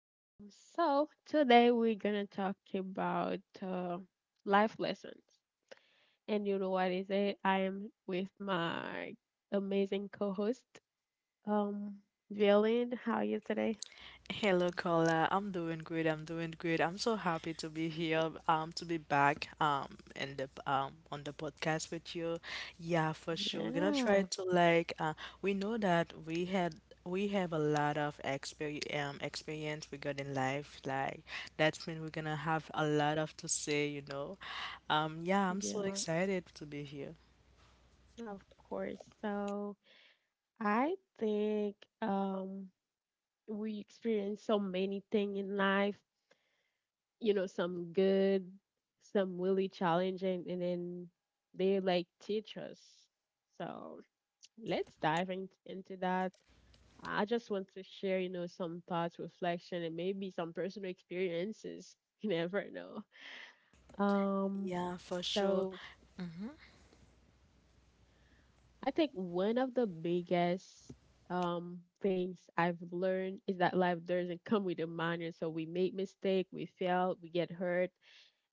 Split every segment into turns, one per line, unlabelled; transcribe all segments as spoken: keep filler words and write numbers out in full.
Um, so today we're gonna talk about uh, life lessons, and you know what is it? I am with my amazing co-host, um, Villain. How are you today?
Hello, Carla. I'm doing great. I'm doing great. I'm so happy to be here. Um, to be back. Um, in the um on the podcast with you. Yeah, for sure. We're gonna try
Yeah,
to like. Uh, we know that we had we have a lot of exper um experience regarding life. Like that's mean we're gonna have a lot of to say. You know. Um, yeah. I'm so
yeah,
excited to be here.
of course. So I think um we experience so many things in life, you know, some good, some really challenging, and then they like teach us. So let's dive in, into that. I just want to share, you know, some thoughts, reflection, and maybe some personal experiences. You never know. Um,
Yeah, for sure.
so
Mm-hmm.
I think one of the biggest um things I've learned is that life doesn't come with a manual. So we make mistake, we fail, we get hurt.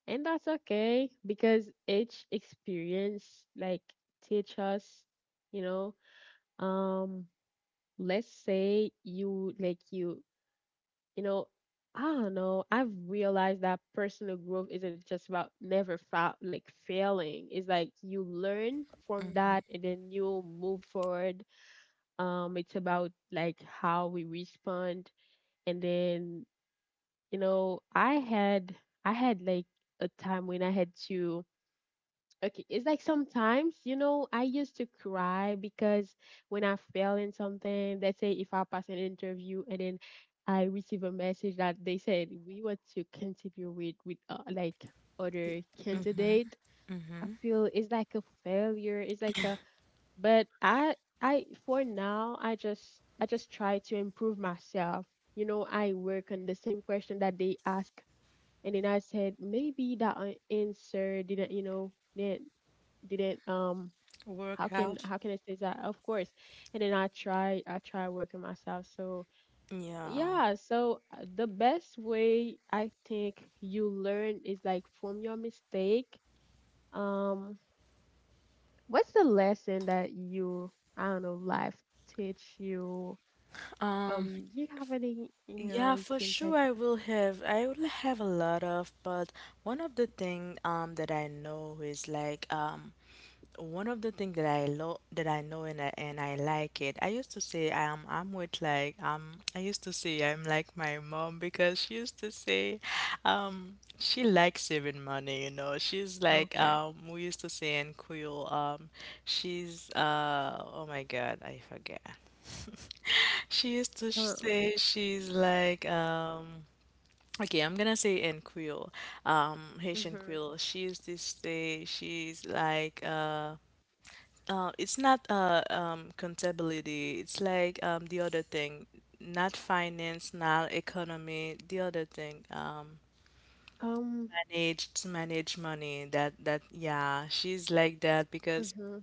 And that's okay because each experience like teach us, you know, um let's say you like you, you know, I don't know, I've realized that personal growth isn't just about never fa- like failing. It's like you learn from
Mm-hmm.
that and then you move forward. Um it's about like how we respond and then, you know, I had I had like a time when I had to. Okay, it's like sometimes, you know, I used to cry because when I fail in something, let's say if I pass an interview and then I receive a message that they said we want to continue with with uh, like other candidate. I
Mm-hmm.
feel it's like a failure. It's like a, but I I for now I just I just try to improve myself. You know, I work on the same question that they ask and then I said maybe that a- answer didn't, you know, didn't um how can
Workout.
how can I say that? Of course. And then I try I try working myself. So
Yeah.
yeah, so uh, the best way I think you learn is like from your mistake. Um what's the lesson that you I don't know, life teach you?
Um.
Um do you have any, you know,
Yeah,
we
for
can take.
sure I will have I will have a lot of, but one of the thing um that I know is like um one of the thing that I lo that I know and I, and I like it. I used to say um I'm with like um I used to say I'm like my mom because she used to say um she likes saving money, you know. She's like
Okay.
um we used to say in Creole um. She's uh, oh my God, I forget. She used to
Uh,
say she's like, um, okay, I'm gonna say in Creole, um, Haitian
mm-hmm.
Creole. She used to say she's like, uh, uh, it's not uh, um, contability. It's like um, the other thing, not finance, not economy. The other thing, um,
Um
manage to manage money. That that yeah, she's like that because
mm-hmm,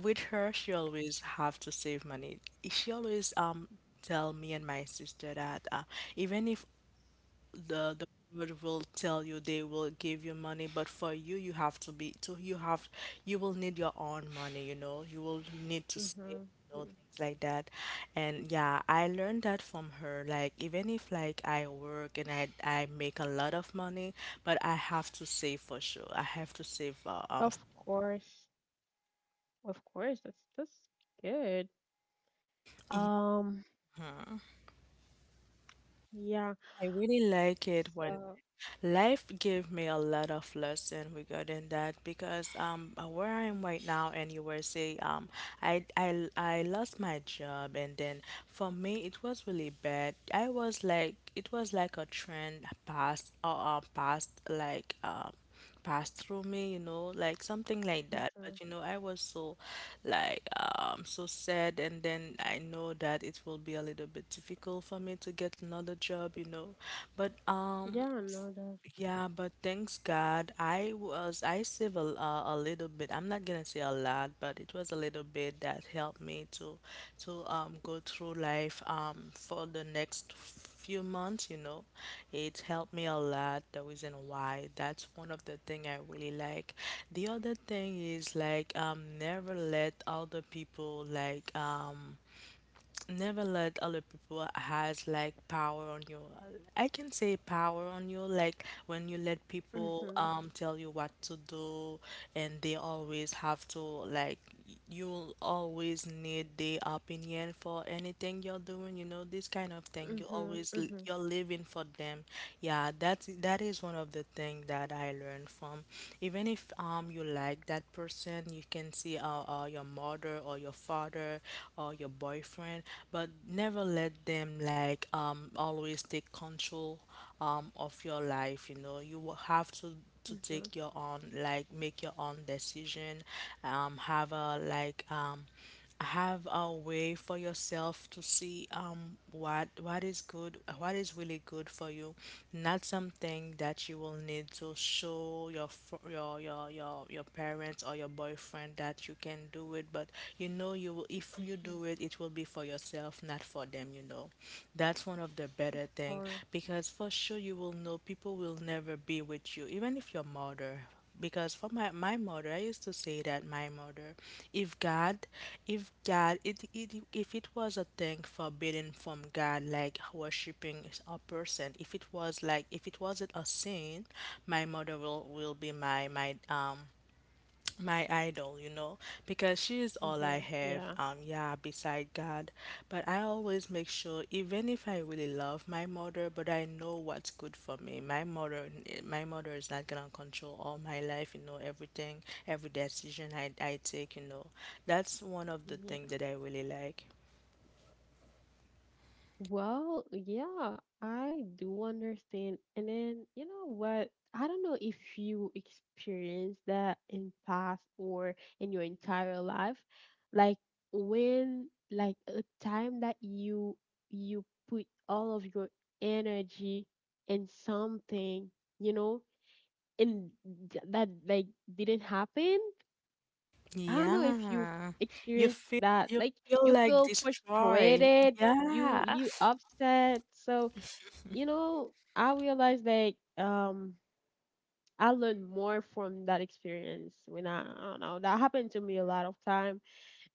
with her, she always have to save money. She always um tell me and my sister that uh, even if the the world will tell you they will give you money, but for you you have to be to you have you will need your own money. You know you will need to save. You
mm-hmm.
know, things like that. And yeah, I learned that from her. Like even if like I work and i i make a lot of money, but I have to save. For sure I have to save uh, um
Of course. Of course. That's that's good. Um,
Mhm.
yeah.
I really like it when
So,
life gave me a lot of lesson regarding that because um uh, where I am right now in U S A um, I I I lost my job. And then for me it was really bad. I was like it was like a trend passed or uh, uh, passed like um passed through me, you know, like something like that.
mhm,
But you know, I was so like um so sad. And then I know that it will be a little bit difficult for me to get another job, you know. But um,
yeah, no, that.
yeah, but thanks God, I was I save a, uh, a little bit. I'm not gonna say a lot, but it was a little bit that helped me to to um go through life um for the next few months. You know, it helped me a lot. The reason why that's one of the thing I really like. The other thing is like um never let other people like um never let other people has like power on you. I can say power on you like when you let people
Mm-hmm,
um tell you what to do, and they always have to like you'll always need their opinion for anything you're doing, you know, this kind of thing. You
mm-hmm,
always l-
mm-hmm,
you're living for them. Yeah, that's that is one of the things that I learned from. Even if um you like that person, you can see uh, uh your mother or your father father or your boyfriend, but never let them like um always take control um of your life. You know, you will have to to
mm-hmm,
take your own like make your own decision, um have a like um have a way for yourself to see um what what is good what is really good for you, not something that you will need to show your fr- your your your, your parents or your boyfriend that that you can do it, but you know you will, if you
mm-hmm.
do it, it will be for yourself, not for them, you know. That's one of the
Of
better thing
course.
because for sure you will know people will never be with you, even if your mother. Because for my, my mother, I used to say that my mother, if God, if god it, it if it was a thing forbidden from God like worshiping a person, if it was like if it wasn't a sin, my mother will will be my my um my idol, you know, because she is all I
Mm-hmm.
have,
Yeah,
um, yeah, beside God. But I always make sure, even if I really love my mother, but I know what's good for me. My mother, my mother is not gonna control all my life, you know, everything, every decision I, I take, you know. That's one of the things
yeah.
that I really like.
Well, yeah, I do understand. And then, you know what? I don't know if you experienced that in past or in your entire life. Like when like a time that you you put all of your energy in something, you know, and th- that like didn't happen. I don't know if you've
Yeah, you
experienced
feel
that.
you
Like
feel
you
like
feel
destroy.
frustrated, you
Yeah.
you upset. So, you know, I realized like um I learned more from that experience when I, I don't know, that happened to me a lot of time.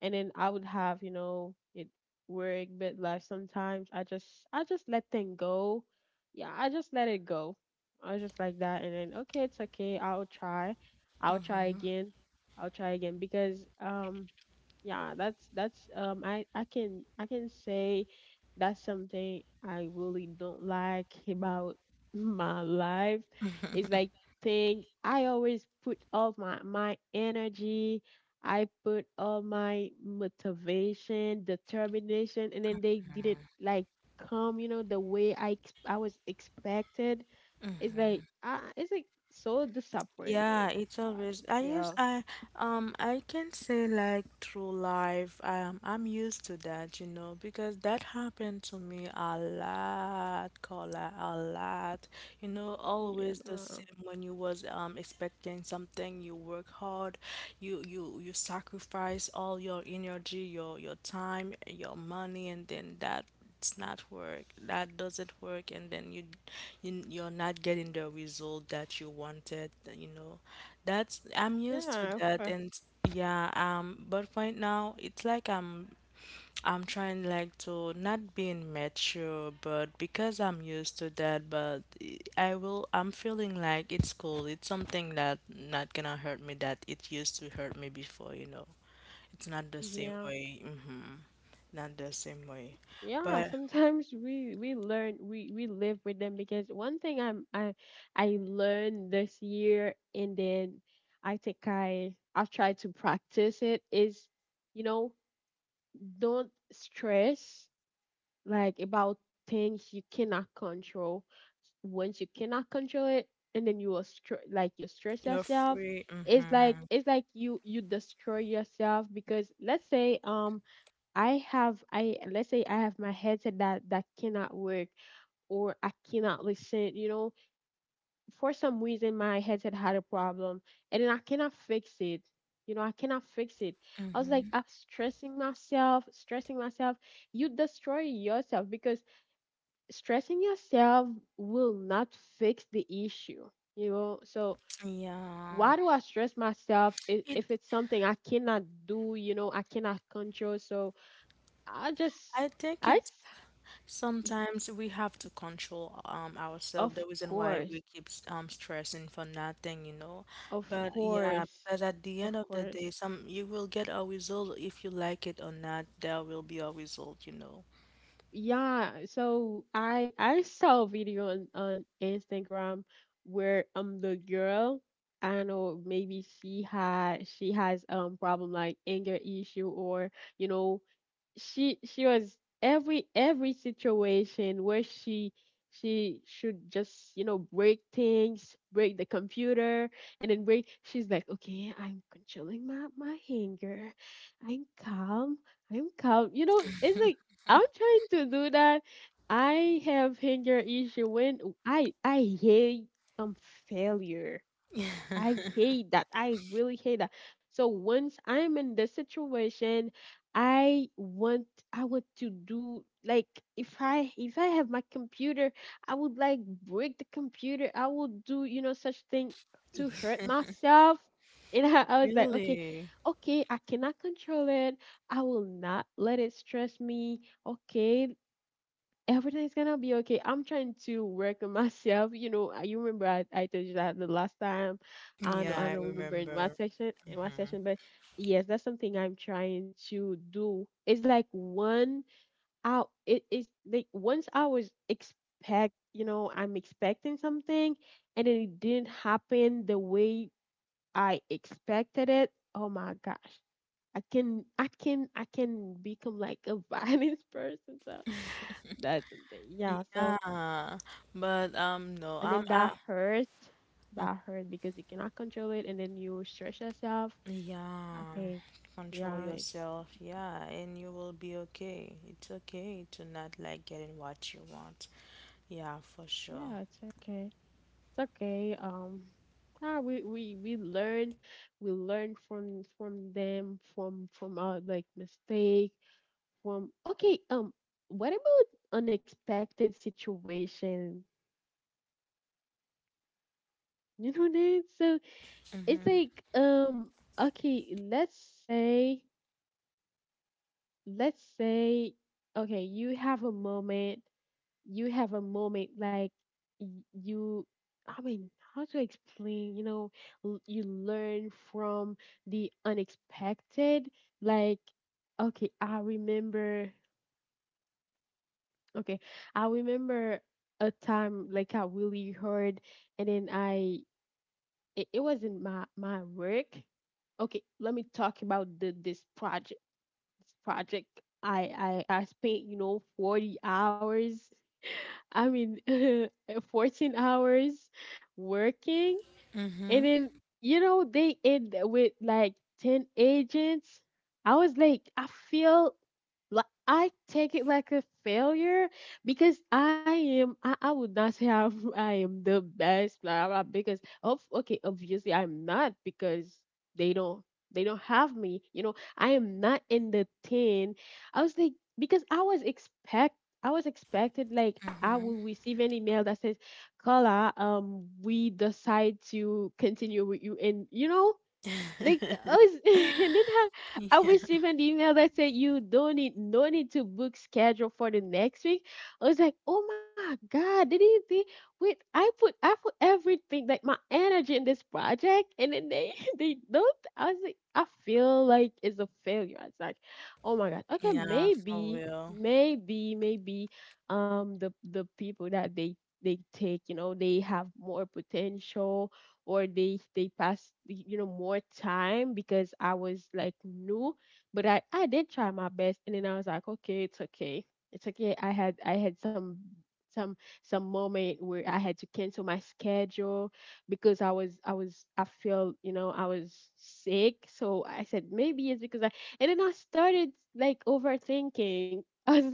And then I would have, you know, it work, bit life sometimes. I just I just let things go. Yeah, I just let it go. I was just like that and then okay, it's okay, I'll try. I'll try again. I'll try again because um yeah, that's that's um i i can i can say that's something I really don't like about my life. It's like things I always put all my my energy. I put all my motivation determination, and then they didn't like come, you know, the way i ex- i was expected. it's like uh, it's like so
Yeah,
disappointed.
it's
So I
always
can
I use
feel.
I um I can say like through life um I'm used to that, you know, because that happened to me a lot, Carla, a lot. You know, always the
Yeah,
same when you was um expecting something, you work hard, you you you sacrifice all your energy, your your time, your money, and then that it's not work that doesn't work. And then you, you you're not getting the result that you wanted, you know. That's I'm used to
yeah,
that.
for,
And yeah um, but right now it's like i'm i'm trying like to not being mature but because I'm used to that. But i will I'm feeling like it's cool, it's something that not gonna hurt me that it used to hurt me before, you know. It's not the same
yeah.
way. Hmm. Not the same way.
Yeah,
But
sometimes we we learn, we we live with them because one thing i'm i i learned this year, and then I think i i've tried to practice it is, you know, don't stress like about things you cannot control. Once you cannot control it, and then you will str- like you stress
you're
yourself.
free.
it's like
Mm-hmm.
it's like you you destroy yourself because let's say um I have I let's say I have my headset that that cannot work, or I cannot listen, you know. For some reason my headset had a problem and then I cannot fix it. You know, I cannot fix it. I was like,
Mm-hmm.
I'm stressing myself, stressing myself. You destroy yourself because stressing yourself will not fix the issue. You know, so
Yeah.
why do I stress myself if,
It,
if it's something I cannot do, you know, I cannot control? So I just
I think
I
it sometimes we have to control um ourselves. The
Of
reason why we
course,
keep um stressing for nothing, you know.
of
But yeah,
course,
because at the
of
end of the day,
course.
some you will get a result if you like it or not. There will be a result, you know.
Yeah, so I I saw a video on, on Instagram where um the girl, I don't know, maybe she had she has um problem like anger issue. Or, you know, she she was every every situation where she she should just, you know, break things, break the computer, and then break. She's like, okay, I'm controlling my my anger. I'm calm, I'm calm, you know. It's like I'm trying to do that. I have anger issue when i i hate um failure. I hate that. I really hate that. So once I'm in this situation, I want I want to do like if I if I have my computer, I would like break the computer. I would do, you know, such thing to hurt myself. And I, I was like, okay,
Really?
okay, I cannot control it. I will not let it stress me. Okay, everything's gonna be okay. I'm trying to work on myself. You know, I- you remember I, I told you that the last time. I don't know,
Yeah,
I
I
don't remember in what
remember.
section, in what
Mm-hmm.
session, but yes, that's something I'm trying to do. It's like one out. It is like once I was expect, you know, I'm expecting something, and then it didn't happen the way I expected it. Oh my gosh. I can I can I can become like a violent person. So that's something. Yeah. So
Yeah, but um, no,
and
I'm
then
I,
that hurt that hurt because you cannot control it and then you stress yourself. I
Yeah,
think
control
yeah, it's
yourself. Yeah, and you will be okay. It's okay to not like getting what you want. Yeah, for
like,
sure.
yeah, it's okay, it's okay, um yeah, we we we learn. we learn from from them, from from our like mistake from. Okay, um what about unexpected situation, you know that? So it's like, um okay, let's say let's say, okay, you have a moment you have a moment like y- you, I mean how to explain, you know. L- you learn from the unexpected. Like, okay, i remember okay I remember a time like I really heard, and then i it, it wasn't my my work. Okay, let me talk about the, this project project. I I I spent, you know, forty hours. I mean, fourteen hours working.
Mm-hmm.
And then, you know, they end with like ten agents. I was like, I feel like I take it like a failure because I am, I, I would not say I'm, I am the best, blah, blah, because of, okay, obviously I'm not because they don't, they don't have me. You know, I am not in the ten. I was like, because I was expect, I was expected like I will
Mm-hmm.
receive an email that says, Carla, um, we decide to continue with you. And you know, like I was, and then I, I
Yeah,
received an email that said you don't need no need to book schedule for the next week. I was like, oh my god, did he think? Wait, I put I put everything like my energy in this project, and then they they don't. I was like, I feel like it's a failure. It's like, oh my god, okay,
yeah, for
maybe
real.
maybe maybe um the the people that they they take, you know, they have more potential, or they they passed, you know, more time because I was like new. But I I did try my best, and then I was like, okay, it's okay, it's okay. I had I had some some some moment where I had to cancel my schedule because I was I was I feel, you know, I was sick. So I said maybe it's because I and then I started like overthinking. I was,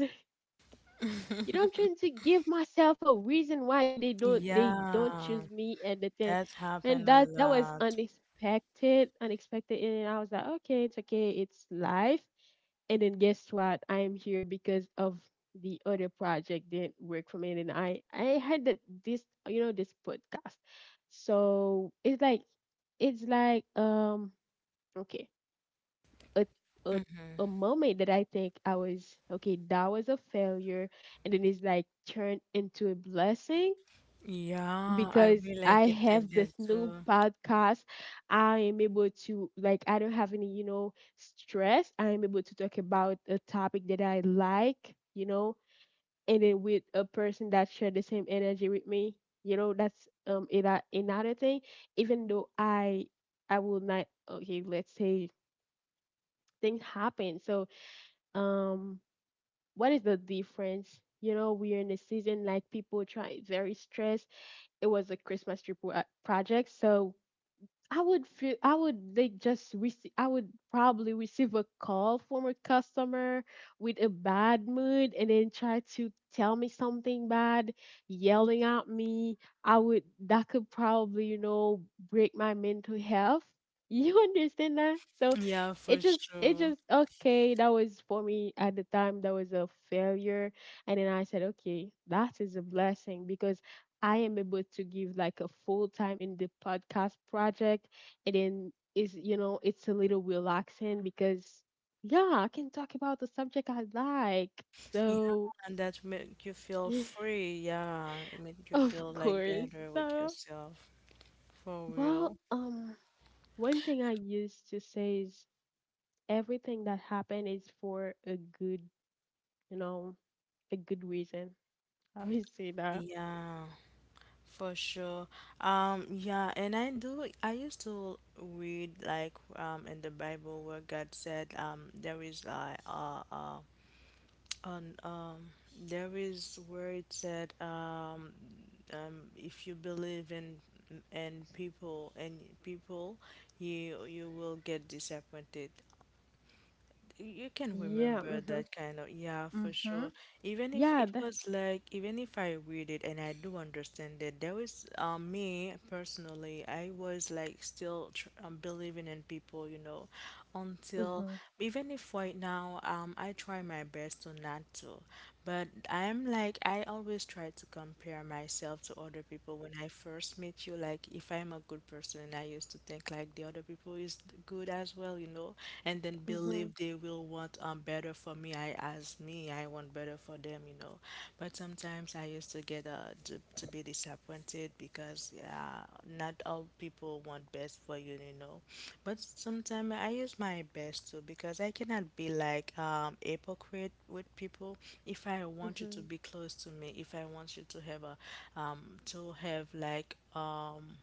you know, I'm trying to give myself a reason why they don't they don't
Yeah,
choose me, and the thing.
that happened
And
a
that that was
lot.
unexpected, unexpected, and I was like, okay, it's okay, it's life. And then guess what? I am here because of the other project didn't work for me, and I I had that this, you know, this podcast. So it's like it's like, um okay, a a
Mm-hmm.
a moment that I think I was okay, that was a failure, and then it's like turned into a blessing
Yeah, I
because
really like
I
it like
have
that
this new
too.
podcast. I am able to like I don't have any, you know, stress. I am able to talk about a topic that I like, you know, and then with a person that share the same energy with me. You know, that's um ano- another thing. Even though I I will not. Okay, let's say things happen. So um what is the difference? You know we're in a season like people try very stressed. It was a Christmas trip wo- uh, project. So I would feel I would like just receive I would probably receive a call from a customer with a bad mood and then try to tell me something bad, yelling at me. I would that could probably, you know, break my mental health. You understand that? So
Yeah, for
it just it
sure.
just okay, that was for me at the time that was a failure. And then I said, okay, that is a blessing because I am able to give like a full time in the podcast project, and then is, you know, it's a little relaxing because yeah, I can talk about the subject I like.
Yeah,
So
and that make you feel free. Yeah, it make you
of
feel like
course.
better with
So
yourself. For
well,
real.
um, one thing I used to say is everything that happened is for a good, you know, a good reason. I always say that.
Yeah, for sure. Um, yeah, and I do, I used to read like um in the Bible where God said um there is like uh uh on um there is where it said um, um if you believe in in people and people you you will get disappointed. You can
Yeah.
remember
Mhm.
that kind of, yeah, for sure.
Mhm.
Even if
Yeah.
it
That.
was like, even if I read it and I do understand that there was, um, me personally, I was like still tr um, believing in people, you know, until
Mhm.
even if right now, um, I try my best to not to, but I'm like, I always try to compare myself to other people when I first meet you. Like, if I'm a good person, I used to think like the other people is good as well, you know, and then
Mhm.
believe they will want um better for me. I as me, I want better for them, you know. But sometimes I used to get uh to, to be disappointed because yeah, not all people want best for you, you know. But sometimes I use my best too because I cannot be like um hypocrite with people. If I want you to
Mhm.
be close to me, if I want you to have a um to have like um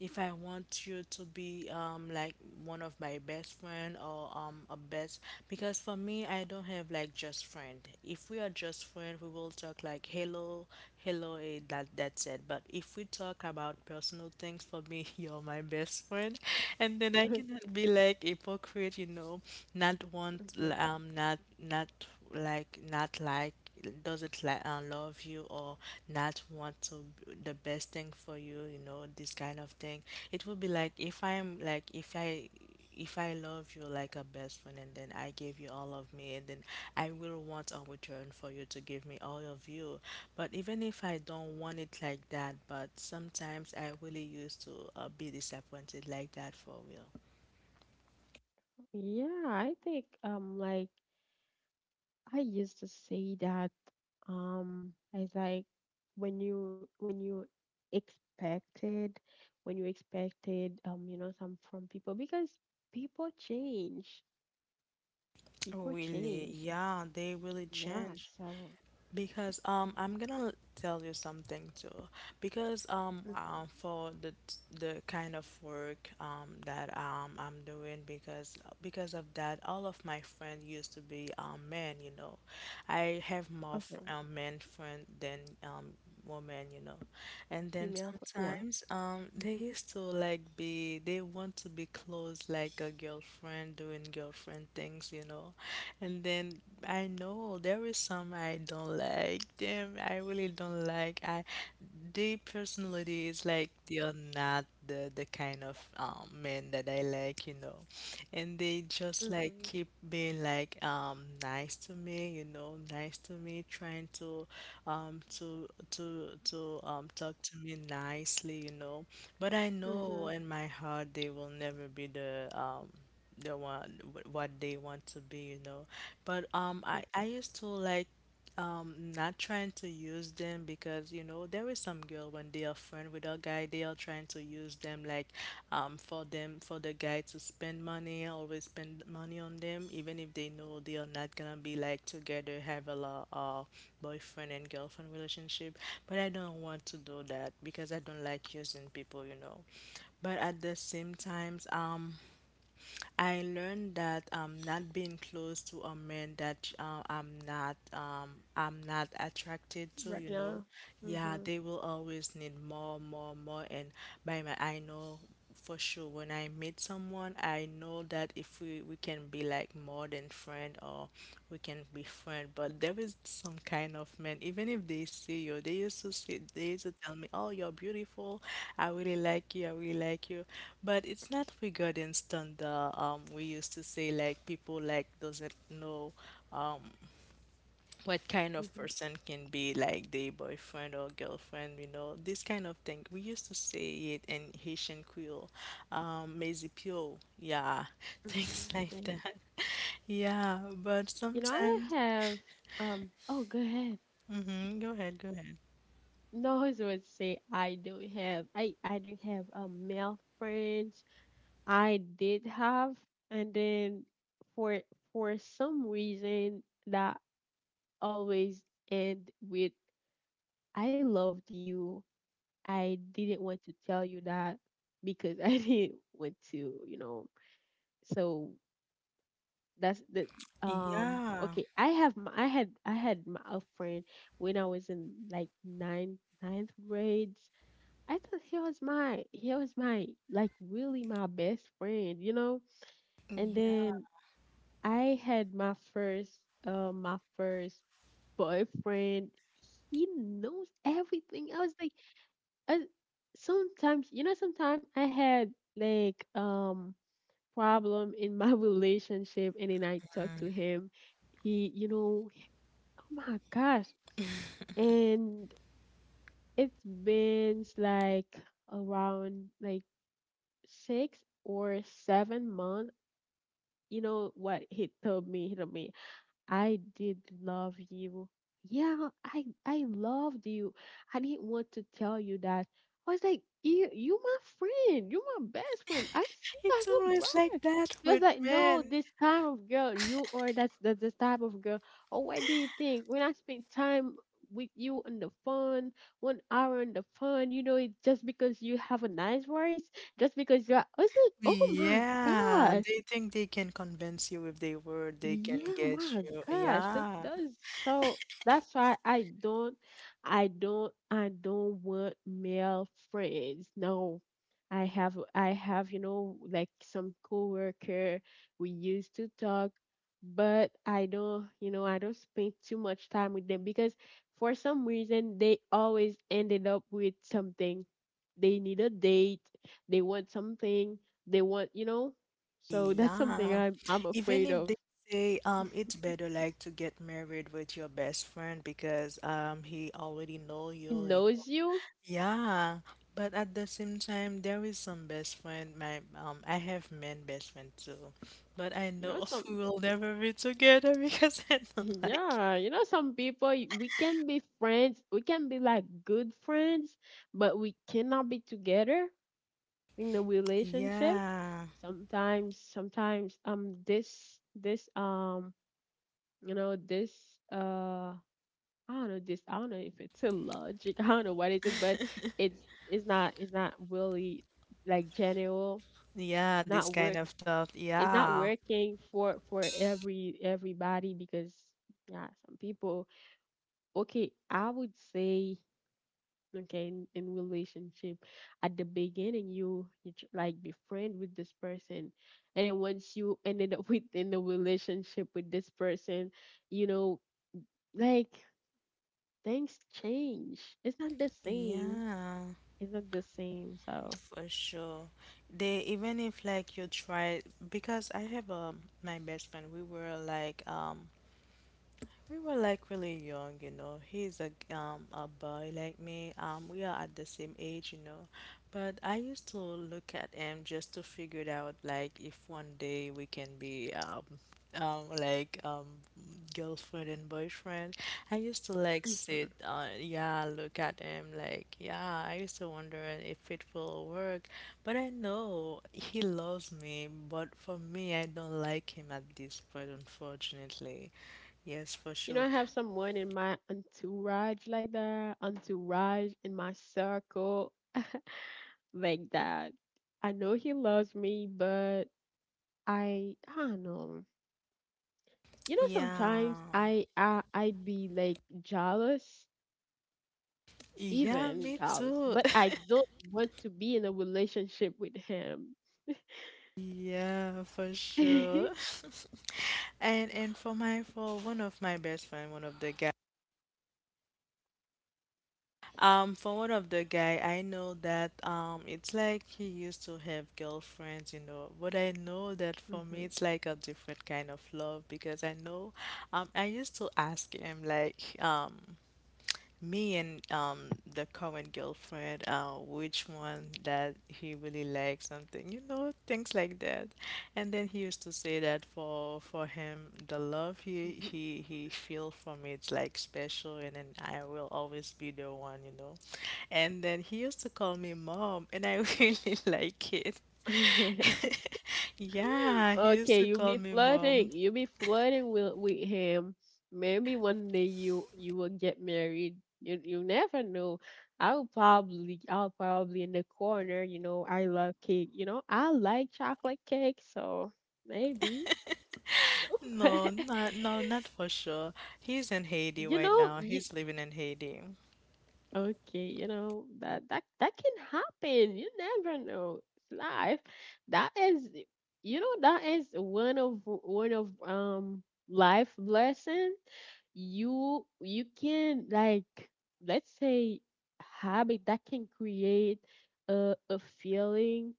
if I want you to be um like one of my best friend or um a best, because for me I don't have like just friend. If we are just friend, we will talk like hello, hello, eh, that that's it. But if we talk about personal things, for me you're my best friend, and then I cannot be like hypocrite, you know. Not want
Mhm.
um not not like not like doesn't like uh, love you or not want to b- the best thing for you, you know, this kind of thing. It would be like if I'm like if I if I love you like a best friend and then I give you all of me, and then I will want a return for you to give me all of you. But even if I don't want it like that, but sometimes I really used to uh, be disappointed like that for real.
Yeah, I think um like I used to say that um as like when you when you expected, when you expected um you know some from people, because people change people change
Really, yeah, they really
Yeah,
change.
so
Because um, I'm gonna tell you something too. Because um,
mhm.
um, for the the kind of work um that um I'm doing, because because of that, all of my friends used to be um men. You know, I have more
Okay,
f- um, men friend than um women. You know, and then
female fo- yeah.
sometimes um they used to like be they want to be close like a girlfriend doing girlfriend things. You know, and then I know there is some I don't like them. I really don't like. I The personality is like they are not the the kind of um men that I like, you know. And they just like
Mhm.
keep being like um nice to me, you know, nice to me, trying to um to to to um talk to me nicely, you know. But I know
Mhm.
in my heart they will never be the um the one wh- what they want to be, you know. But um,
Mhm.
I I used to like um not trying to use them, because you know there is some girl when they are friend with a guy they are trying to use them like um for them, for the guy to spend money, always spend money on them, even if they know they are not gonna be like together, have a lot uh boyfriend and girlfriend relationship. But I don't want to do that because I don't like using people, you know. But at the same times um I learned that um, not being close to a man that uh, I'm not um, I'm not attracted to,
Right
you know,
now.
yeah,
Mhm.
they will always need more, more, more. And by my I know for sure, when I meet someone, I know that if we we can be like more than friend or we can be friend. But there is some kind of man. Even if they see you, they used to see, they used to tell me, "Oh, you're beautiful. I really like you. I really like you." But it's not regarding standard. Um, we used to say like people like doesn't know. Um, what
Mhm. Mhm.
kind
Yeah.
of
Mm-hmm, mm-hmm,
person can be like the boyfriend or girlfriend, you know, this kind of thing. We used to say it in Haitian Creole, um, Maisy Pio, yeah, things
mm-hmm.
like
Hey.
that. Yeah, but
You know, I don't
sometimes,
have. Um. Oh, go ahead.
hmm go ahead, go ahead.
No, I was going to say I don't have. I I don't have um male friends. I did have, and then for for some reason that always end with I loved you. I didn't want to tell you that because I didn't want to, you know. So that's the um
Yeah,
okay. I have my, I had I had my a friend when I was in like ninth ninth grades. I thought he was my he was my like really my best friend, you know. And
yeah.
then I had my first uh my first boyfriend. He knows everything. I was like I, sometimes, you know, sometimes I had like um problem in my relationship and then I talked to him. He you know he- oh my gosh. And it's been like around like six or seven months. You know what he told me? He told me I did love you. Yeah, I I loved you. I didn't want to tell you that. I was like, you you my friend, you my best friend. I see you
It's
as a
always like
brother.
that
Just
with
like, no,
men.
this kind of girl, you are that's that's this type of girl. Or what do you think? When I spend time with you on the phone, one hour on the phone, you know, it just because you have a nice voice, just because you're, I was like, oh my
Yeah,
gosh.
they think they can convince you with their word, they can
Yeah, oh
get
my
you.
gosh, that
Yeah,
that is so. That's why I don't, I don't, I don't want male friends. No, I have, I have, you know, like some coworker we used to talk, but I don't, you know, I don't spend too much time with them because for some reason they always ended up with something. They need a date. They want something. They want, you know. So that's something
yeah,
I'm I'm
even
afraid
if
of.
they say um it's better like to get married with your best friend because um he already know
He
you, you know.
knows you.
Yeah, but at the same time there is some best friend my um I have men best friend too, but I
You know
know we
some,
will never be together because I don't like
yeah, you know some people y- we can be friends, we can be like good friends, but we cannot be together in the
you.
relationship.
Yeah,
Sometimes sometimes um this this um you know this uh I don't know, this I don't know if it's a logic, I don't know what is it, but it's it's not it's not really like general,
yeah, this
not
kind
work
of thought.
it's not
Yeah,
working for for every everybody because yeah some people, okay, I would say okay in, in relationship at the beginning you you tr- like befriend with this person, and then once you ended up within the relationship with this person, you know, like things change. It's not the same.
yeah.
It's not the same. So
For sure. They even if like you try, because I have um my best friend, we were like um we were like really young, you know. He's a g- um a boy like me. Um, we are at the same age, you know. But I used to look at him just to figure it out, like if one day we can be um um like um girlfriend and boyfriend. I used to like
mm-hmm.
sit, uh, yeah, look at him, like yeah. I used to wonder if it will work, but I know he loves me. But for me, I don't like him at this point, unfortunately. Yes, for
You know, I
sure.
have someone in my entourage like that, entourage in my circle like that. I know he loves me, but I, I don't know. You know,
Yeah.
sometimes I, I I'd be like jealous,
Yeah,
even
me
jealous,
too.
but I don't want to be in a relationship with him.
Yeah, for sure. And and for my for one of my best friend, one of the guy. Um, for one of the guy, I know that um, it's like he used to have girlfriends, you know. But I know that for
Mhm.
me, it's like a different kind of love because I know, um, I used to ask him like, um. Me and um the common girlfriend, uh, which one that he really likes something, you know, things like that. And then he used to say that for for him, the love he he he feel for me, it's like special, and then I will always be the one, you know. And then he used to call me mom, and I really like it. Yeah, he used
Okay,
to
you
call
be
me mom.
flirting. You be flirting with with him. Maybe one day you you will get married. You you never know. I'll probably I'll probably in the corner. You know I love cake. You know I like chocolate cake. So maybe
No, not no, not for sure. He's in Haiti
you
right
know
now.
you.
He's living in Haiti.
Okay, you know that that that can happen. You never know. It's life. That is, you know, that is one of one of um life blessing. You you can like, let's say, habit that can create a a feeling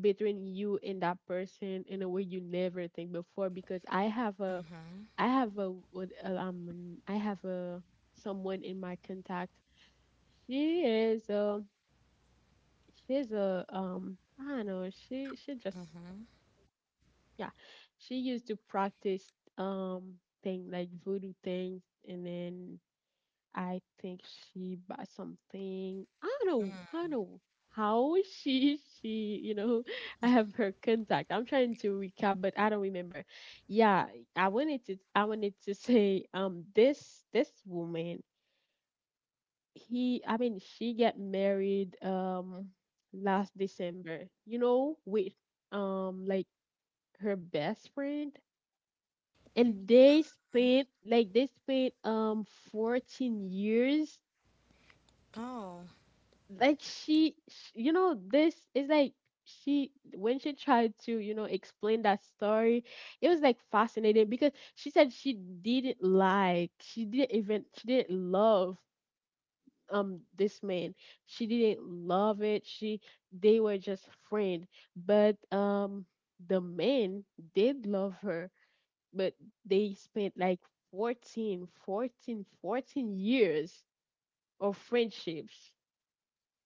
between you and that person in a way you never think before. Because I have a I have a what uh, um I have a someone in my contact. She is um she's a um I don't know, she she just yeah. She used to practice um thing like voodoo things, and then I think she bought something. I don't know I don't know how she she, you know I have her contact. I'm trying to recap but I don't remember. Yeah, I wanted to I wanted to say um this this woman, he I mean she get married um last December. You know, with um like her best friend. And they spent like they spent um fourteen years.
Oh,
Like she, sh you know this is like she, when she tried to, you know, explain that story, it was like fascinating because she said she didn't like she didn't even she didn't love um this man. She didn't love it. She, they were just friends. But um the man did love her, but they spent like fourteen, fourteen, fourteen years of friendships.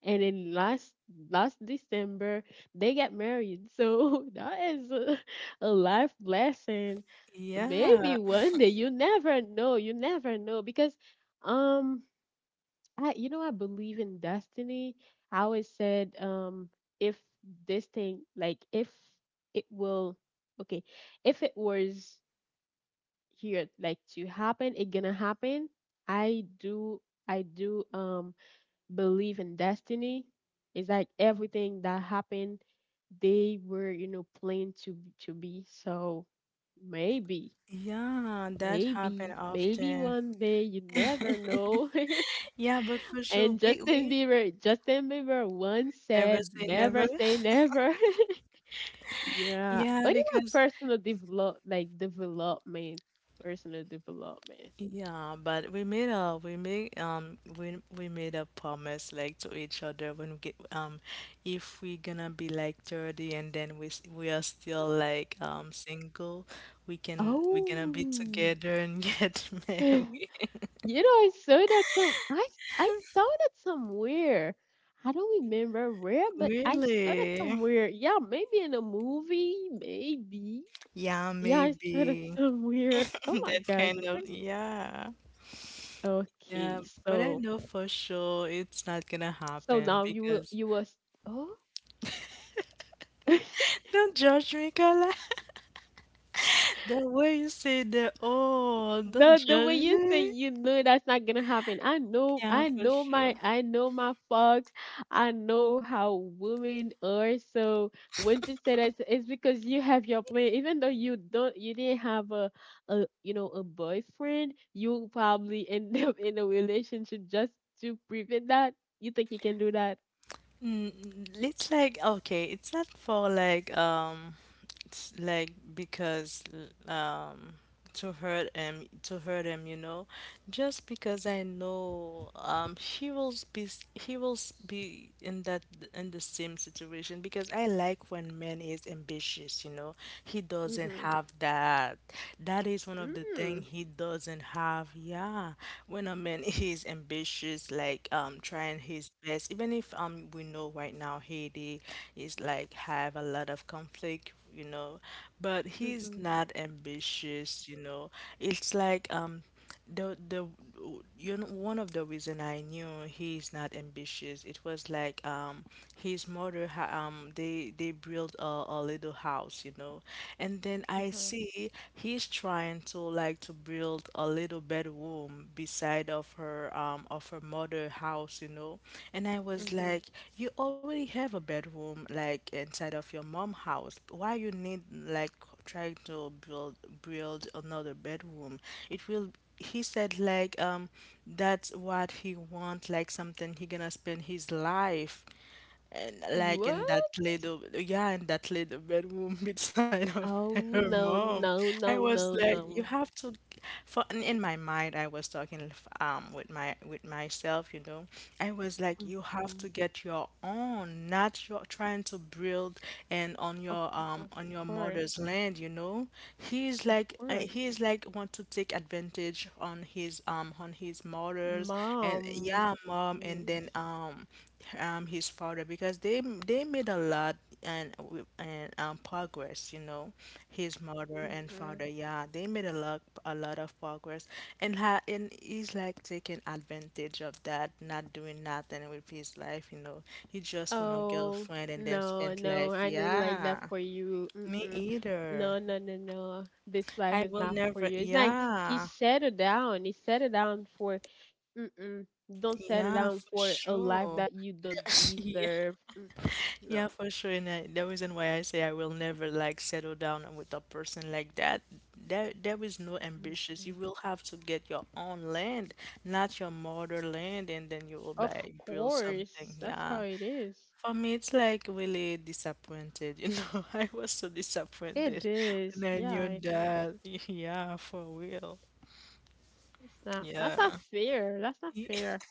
And then last last December they got married. So that is a, a life lesson.
yeah,
Maybe one day you never know, you never know because um I, you know, I believe in destiny. I always said, um, if this thing, like, if it will, okay, if it was here, like, to happen, it gonna happen. I do, I do, um, believe in destiny. It's like everything that happened, they were, you know, planned to to be. So maybe,
yeah, that happen
maybe, maybe
often.
one day, you never know.
Yeah, but for sure,
And
we
Justin
we
Bieber, Justin Bieber once
never
said,
say never.
"Never say never." Yeah.
Yeah,
What about
because
personal develop, like development, personal development?
yeah, but we made a we made um we we made a promise like to each other when we get um if we gonna be like thirty and then we s- we are still like um single, we can we gonna be
Oh,
together and get
you
married.
know, I saw that some. I I saw that somewhere. I don't remember where, but I saw that
Really?
somewhere. Yeah, maybe in a movie, maybe.
Yeah,
Yeah, I saw that
maybe.
somewhere. Oh my
That
gosh, I
kind of
think.
yeah. Yeah,
Okay,
but I
so.
know for sure it's not gonna
So
happen
now you will
because
you will s- oh
don't judge me, Carla. The way you say that, oh, don't
the the way
judge
you say,
me.
you know, that's not gonna happen. I know
Yeah,
I
for
know my
sure.
I know my fox. I know how women are. So when you say that it's because you have your plan. Even though you don't you didn't have a, a you know, a boyfriend, you probably end up in a relationship just to prevent that. You think you can do that?
Mm, mm, it's like okay, it's not for like um, it's like because um to hurt him, to hurt him, you know, just because I know um he will be s- he will s- be in that in the same situation, because I like when man is ambitious, you know, he doesn't
Mm.
have that. That is one of the thing
Mhm.
he doesn't have. Yeah. When a man is ambitious, like um trying his best, even if um we know right now Haiti is like have a lot of conflict, you know, but he's
Mhm.
not ambitious, you know. It's like um the the you know one of the reason I knew he's not ambitious, it was like um his mother ha- um they they built a, a little house, you know. And then I see he's trying to like to build a little bedroom beside of her um of her mother house, you know. And I was
Mhm.
like, you already have a bedroom like inside of your mom house, why you need like trying to build build another bedroom. It will he said like um that's what he want, like something he gonna spend his life and like in that
What?
little, yeah, in that little bedroom beside of
Oh
her
no
mom.
no
I
no
was
no
like, you
no.
have to, for in in my mind, I was talking um with my with myself, you know. I was like, you have
Hmm.
to get your own, not your trying to build and on
Of,
your um
of
on your mother's
course,
land, you know. He's
of
like uh,
course,
he's like want to take advantage on his um on his mother's and
mom.
yeah, mom, and then
Yes.
um um his father, because they they made a lot and w- and um, progress, you know. His mother and
Mm-hmm.
father, yeah, they made a lot, a lot of progress, and ha and he's like taking advantage of that, not doing nothing with his life, you know. He just want a
Oh
girlfriend and then
no
spent
no,
life,
I don't like that
yeah.
for you.
Me
Mm-mm.
either.
No no no no. This life
I
is
will
not for
never,
you. It's like he
yeah.
settled down. He settled down for. Mm-mm. Don't settle
Yeah,
down
for
for a life
sure.
that you don't deserve. Mm-mm.
Yeah,
No.
for sure. And I, the reason why I say I will never like settle down with a person like that, there there is no ambitions. You
Mm-mm.
will have to get your own land, not your motherland, and then you will
Of
like build something.
course, that's
Yeah.
how it is.
For me, it's like really disappointed. You know, I was so
It
disappointed
is.
when I
Yeah,
knew
it is.
that. Yeah, for real.
It's not. That's not
Yeah.
fair. That's not fair.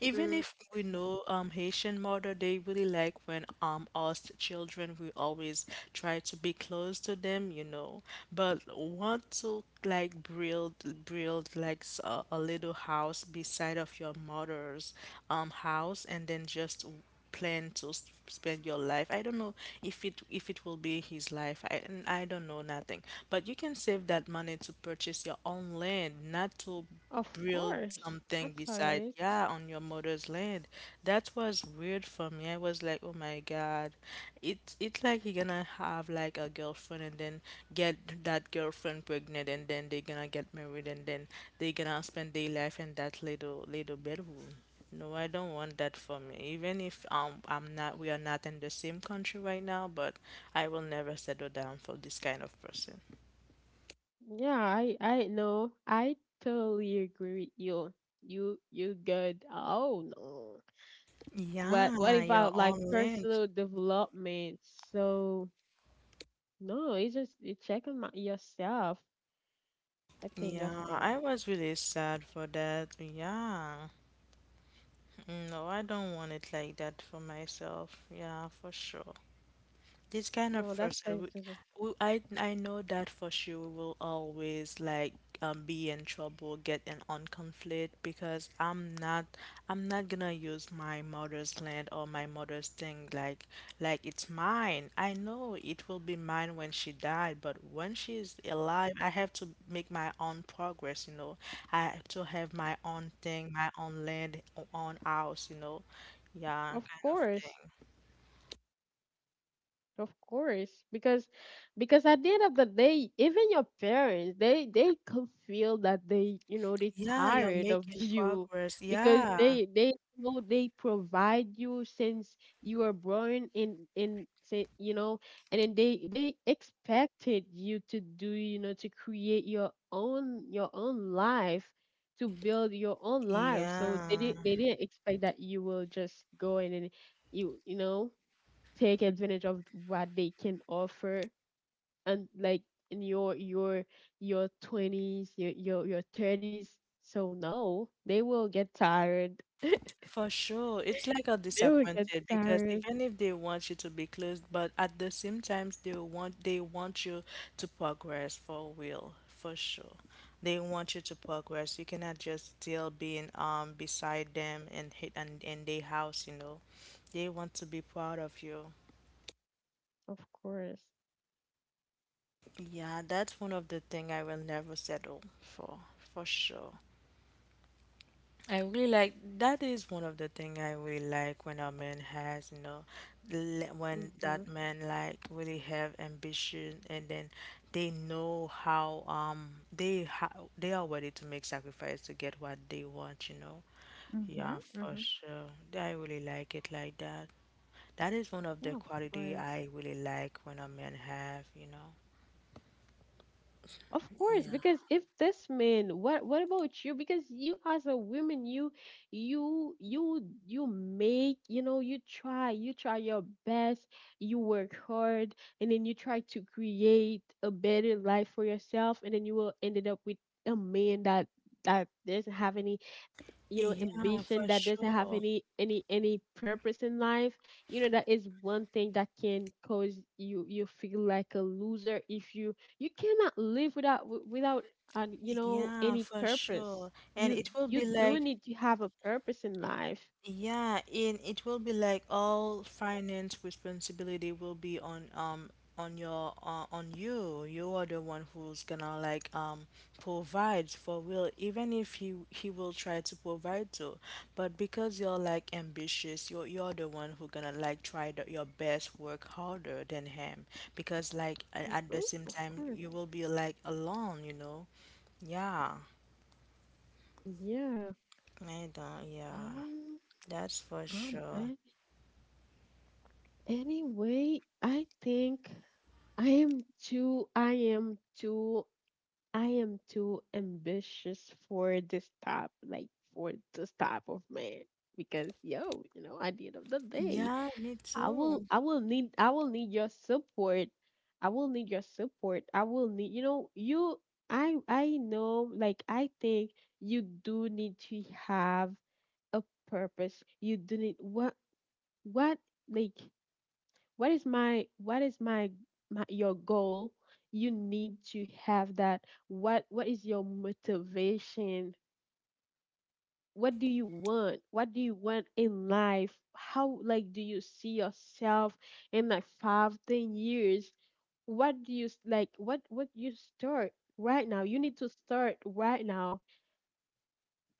Even if we know um Haitian mother, they really like when um us children we always try to be close to them, you know. But want to like build build like s- a, a little house beside of your mother's um house, and then just plan to s- spend your life. I don't know if it if it will be his life. I n- I don't know nothing. But you can save that money to purchase your own land, not to
Of
build
course.
something
That's how it
beside,
is.
yeah, on your mother's land. That was weird for me. I was like, oh my god, it's it's like you're gonna have like a girlfriend, and then get that girlfriend pregnant, and then they're gonna get married, and then they're gonna spend their life in that little little bedroom. No, I don't want that for me. Even if um I'm not, we are not in the same country right now, but I will never settle down for this kind of person.
Yeah, I I know. I totally agree with you. You you good. Oh no. What what
Yeah, your
about like
own land.
personal development? So no, it's just you checking my, yourself. I think that's
Yeah,
not.
I was really sad for that. Yeah. Mm, no, I don't want it like that for myself. Yeah, for sure. This kind
No,
of
that's
person,
not.
we, we, I, I know that for sure we will always like um, be in trouble, get in on conflict, because I'm not, I'm not gonna use my mother's land or my mother's thing like like it's mine. I know it will be mine when she died, but when she is alive, I have to make my own progress, you know. I have to have my own thing, my own land, own house, you know. Yeah,
Of
kind of
course.
thing.
Of course, because because at the end of the day, even your parents, they they could feel that they, you know, they
Yeah, you're
tired of
making
you
progress.
because
Yeah.
they they know they provide you since you were born in in say, you know, and then they they expected you to do, you know, to create your own your own life, to build your own life. So they
Yeah,
didn't they didn't expect that you will just go in and you you know take advantage of what they can offer and like in your your your twenties your your, your thirties. So no, they will get tired.
for sure. It's like a
They will get
disappointed because
tired.
even if they want you to be closed, but at the same time they want they want you to progress for real, for sure. They want you to progress. You cannot just still being um beside them and hit and in their house, you know. They want to be proud of you.
Of course.
Yeah, that's one of the thing I will never settle for, for sure. I really like that is one of the thing I really like when a man has, you know, le- when that
Mhm.
man like really have ambition and then they know how um they ha- they are ready to make sacrifice to get what they want, you know.
Mm-hmm.
Yeah, for
Mm-hmm.
sure. Yeah, I really like it like that. That is one of the
Yeah, of
quality
course.
I really like when a man have, you know.
Of course,
Yeah.
because if this man, what what about you? Because you as a woman, you you you you make, you know, you try, you try your best, you work hard, and then you try to create a better life for yourself, and then you will ended up with a man that that doesn't have any, you know,
Yeah,
ambition,
for
that doesn't have
sure.
any any any purpose in life. You know, that is one thing that can cause you you feel like a loser if you you cannot live without wi- without uh, you know,
Yeah,
any
for
purpose.
sure. And
you
it will
you
be
do
like,
need to have a purpose in life.
yeah, and it will be like all finance responsibility will be on um on your uh, on you. You are the one who's gonna like um provide for Will, even if he he will try to provide too, but because you're like ambitious, you're you're the one who gonna like try the, your best, work harder than him, because like a- at the
Hmm
same
of
time
course.
you will be like alone, you know? Yeah,
Yeah.
I don't, yeah,
um
that's for
um
sure.
and anyway, I think i am too i am too I am too ambitious for this type, like for this type of man. Because yo, you know, at the end of the day,
Yeah, me
I
too.
will, I will need, I will need your support. I will need your support. I will need, you know, you. I, I know, like, I think you do need to have a purpose. You do need what, what, like what is my, what is my, my your goal. You need to have that. What what is your motivation? What do you want? What do you want in life? How, like, do you see yourself in like five ten years? What do you s- like what what you start right now. You need to start right now,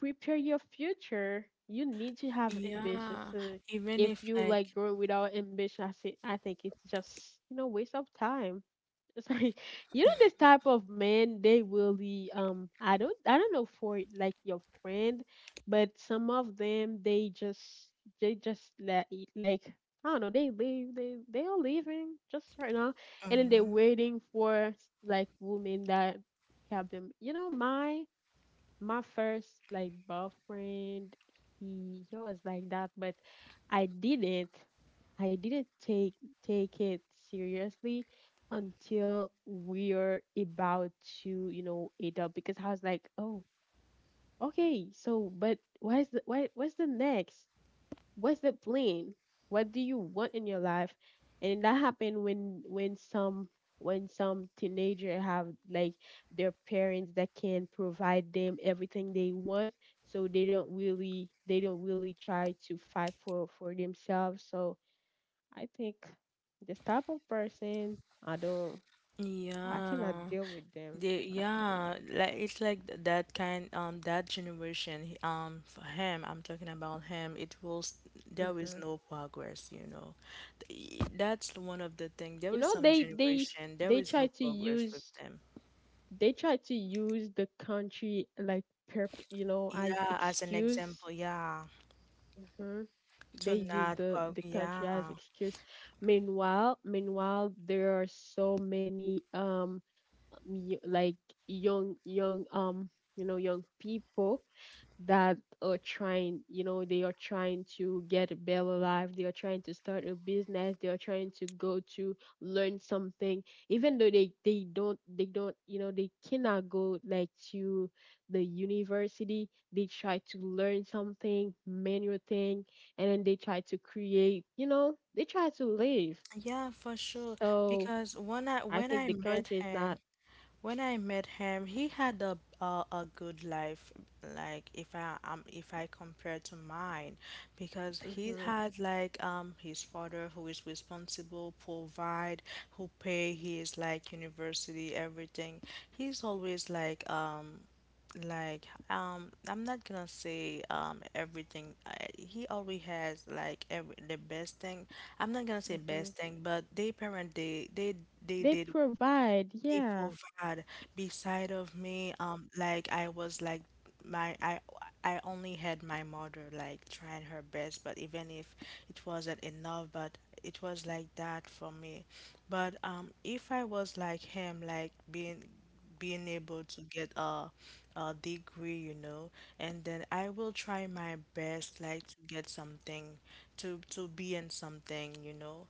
prepare your future. You need to have ambition.
Yeah,
So
even
if
if
you like
like,
growing without ambition, i think i think it's just, you know, waste of time. Sorry. You know, this type of men, they really, um i don't I don't know for like your friend, but some of them, they just, they just let it like, I don't know, they leave they they are leaving just right now. And then they're
mhm,
waiting for like women that help them. You know, my my first like boyfriend, he he was like that, but I didn't, i didn't take take it seriously until we are about to, you know, eat up. Because I was like, oh, okay, so but what's the what, what's the next? What's the plan? What do you want in your life? And that happened when when some when some teenager have like their parents that can provide them everything they want. So they don't really, they don't really try to fight for for themselves. So I think this type of person, i don't I cannot
yeah,
deal with them.
they,
I cannot.
yeah, like it's like th- that kind, um, that generation, he- um, for him, I'm talking about him, it was, there is
hmm
no progress, you know. Th- i- That's one of the thing. There
you
is
know,
some
they they
generation, there
they
is
try
no
to
progress with
use,
them.
they try to use the country like perp, you know, as
Yeah, as an
excuse.
example, yeah,
hmm
to
they use
not,
the
pro-
the country
yeah.
as excuse. Meanwhile, meanwhile there are so many, um y- like young, young um you know, young people that are trying, you know, they are trying to get a better life, they are trying to start a business, they are trying to go to learn something, even though they they don't they don't, you know, they cannot go like to the university. They try to learn something, manual thing, and then they try to create, you know, they try to live.
Yeah, for sure.
So
Because when I
I
when I
think the
met
country is
him,
not.
when I met him, he had a a, a good life, like if I um if I compare to mine, because he
hmm
had like um his father who is responsible, provide, who pay his like university, everything. He's always like um like um I'm not gonna say um everything I, he always has like every the best thing. I'm not gonna say
hmm
best thing but they parent they they they
They
did
provide,
they
yeah.
provide beside of me um like I was like my I I only had my mother like trying her best but even if it wasn't enough but it was like that for me but um if I was like him like being being able to get a, a degree you know and then I will try my best like to get something to to be in something you know.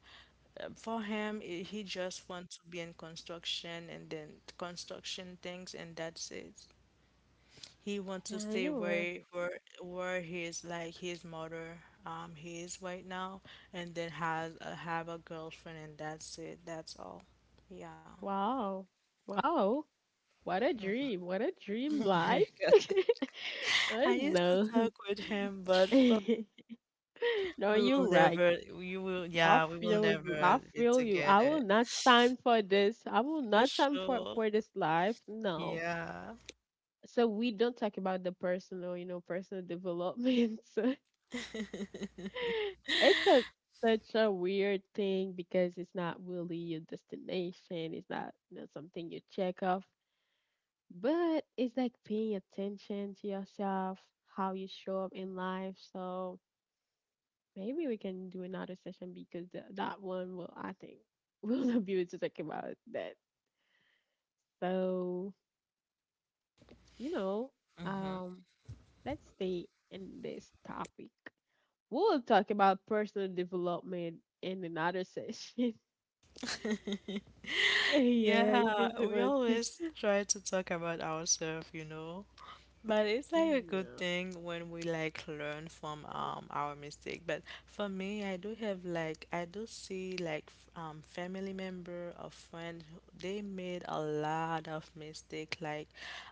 um, for him i- he just wants to be in construction and then construction things and that's it. He wants
Yeah,
to
I
stay
know. uh,
where where where his like his mother um he is right now and then has uh, have a girlfriend and that's it, that's all, yeah.
Wow. Wow. What a dream. What a dream
Oh my
life.
god,
I
I used to
know.
talk with him but, but
No,
we
you're
will
right.
never we will
I
yeah we will
feel you. I
never be
feel you. I
together.
will not sign for this. I will
For
not sign for
sure,
for this life. No.
yeah.
So we don't talk about the personal, you know, personal development. It's a such a weird thing because it's not really your destination. It's not, you know, something you check off, but it's like paying attention to yourself, how you show up in life. So maybe we can do another session because th- that one will, I think, we'll not be able to talk about that. So, you know,
Hmm.
um, let's stay in this topic. We'll talk about personal development in another session. Yeah, you can
Yeah, we
because it thing.
always try to talk about ourselves, you know. But it's like a good
Yeah.
thing when we like learn from um our mistake. But for me, I do have like I do see like f- um family member or friend who- they made a lot of mistake. Like,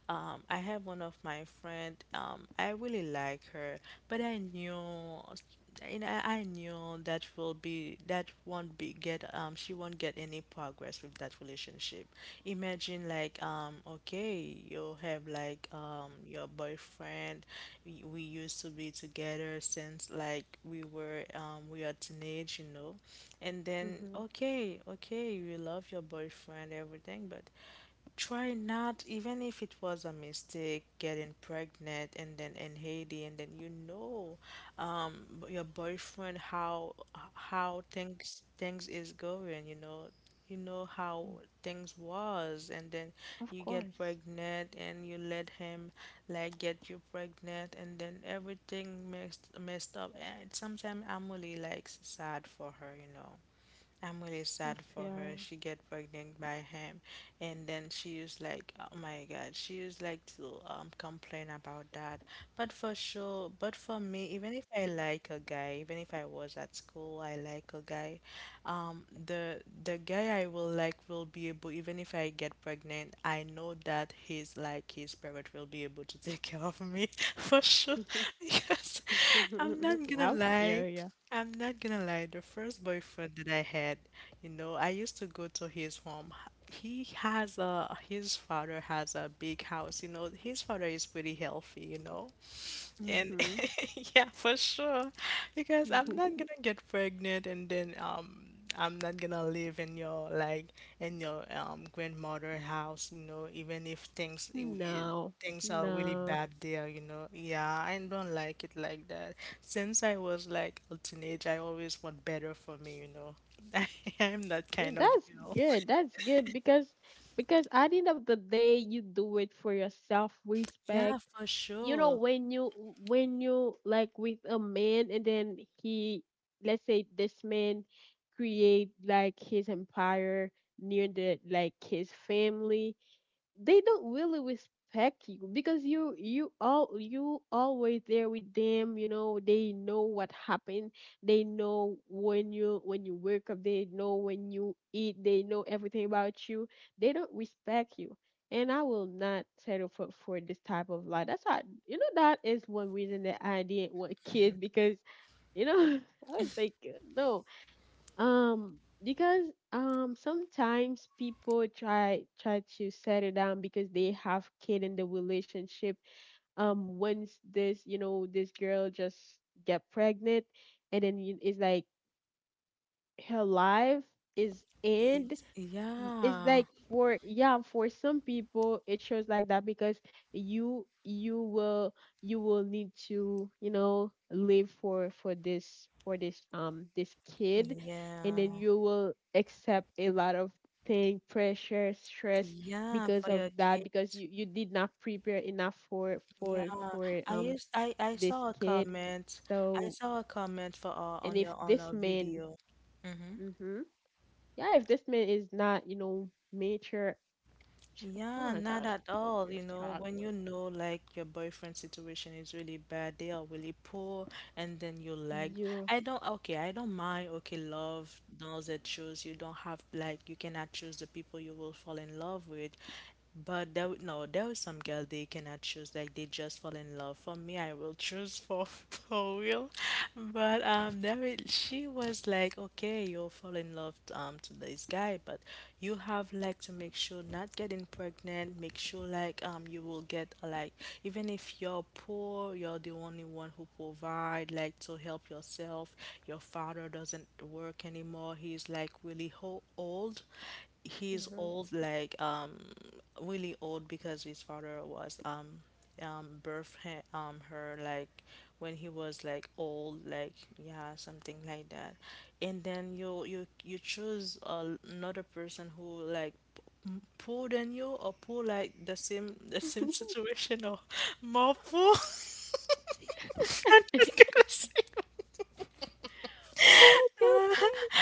um I have one of my friend um I really like her, but I knew, you know, I I knew that will be that won't be get um she won't get any progress with that relationship. Imagine like um okay, you have like um your boyfriend. We, we used to be together since like we were um we are teenage, you know. And then
Mhm,
okay, okay, you love your boyfriend everything, but try not, even if it was a mistake, getting pregnant and then in Haiti, and then you know, um, b- your boyfriend, how how things things is going. You know, you know how
mhm.
things was, and then
Of
you get
course.
pregnant and you let him like get you pregnant, and then everything messed messed up. And sometimes I'm really like sad for her, you know. I'm really
Of
sad for
yeah.
her. She get pregnant by him, and then she used like, oh my God, she used like to um complain about that. But for sure, but for me, even if I like a guy, even if I was at school, I like a guy, um, the the guy I will like will be able, even if I get pregnant, I know that he's like his parent will be able to take care of me for sure, because I'm not gonna
I
lie.
feel you.
I'm not gonna lie, the first boyfriend that I had, you know, I used to go to his home. He has a, his father has a big house, you know, his father is pretty healthy, you know. And
Mhm.
yeah, for sure. Because I'm not gonna get pregnant and then um I'm not gonna live in your like in your um grandmother house, you know, even if things i- i-
No,
things are really
no.
bad there, you know. Yeah, I don't like it like that. Since I was like a teenager, I always want better for me, you know. I am that
Th-
kind of
That's
girl.
good. That's good because because at the end of the day, you do it for your
Yeah,
self-respect.
for
You know,
sure.
when you, when you like with a man, and then he, let's say this man create like his empire near the like his family, they don't really respect you because you you all you always there with them. You know, they know what happened. They know when you when you wake up, they know when you eat, they know everything about you. They don't respect you. And I will not settle for for this type of life. That's how, you know, that is one reason that I didn't want kids. Because, you know, I was like, no. Um, because, um, sometimes people try try to settle down because they have kid in the relationship. Um, once this, you know, this girl just get pregnant, and then you- it's like her life is end.
It,
Y- it's
yeah.
like for, yeah, for some people it shows like that, because you you will you will need to, you know, live for, for this for this, um, this kid. And
Yeah.
then you will accept a lot of thing, pressure, stress,
Yeah,
because
for
of
your
that, because
kids.
you you did not prepare enough for,
Yeah,
for for
I
um,
used I I
this
saw a
kid.
comment. I
So,
saw a comment for uh, on
and
your
if
on
this
a
man,
video. Mm-hmm.
mhm yeah, if this man is not, you know, mature. Oh
Yeah,
my
not
gosh.
at
Oh,
all.
you're
You know, when you
struggling.
know like your boyfriend's situation is really bad, they are really poor, and then you like,
You.
I don't, okay, I don't mind. Okay, love knows that shows you don't have like you cannot choose the people you will fall in love with. But there, w- no, there was some girl they cannot choose. Like they just fall in love. For me, I will choose for for real. But um, there is, she was like, okay, you'll fall in love um to this guy, but you have like to make sure not getting pregnant. Make sure like um you will get like even if you're poor, you're the only one who provide like to help yourself. Your father doesn't work anymore. He's like really ho- old, he's
Mhm.
old, like um, really old because his father was um, um, birth he- um her like when he was like old, like yeah, something like that. And then you you you choose uh, another person who like m- poor than you or poor like the same the same situation or more poor.
oh
I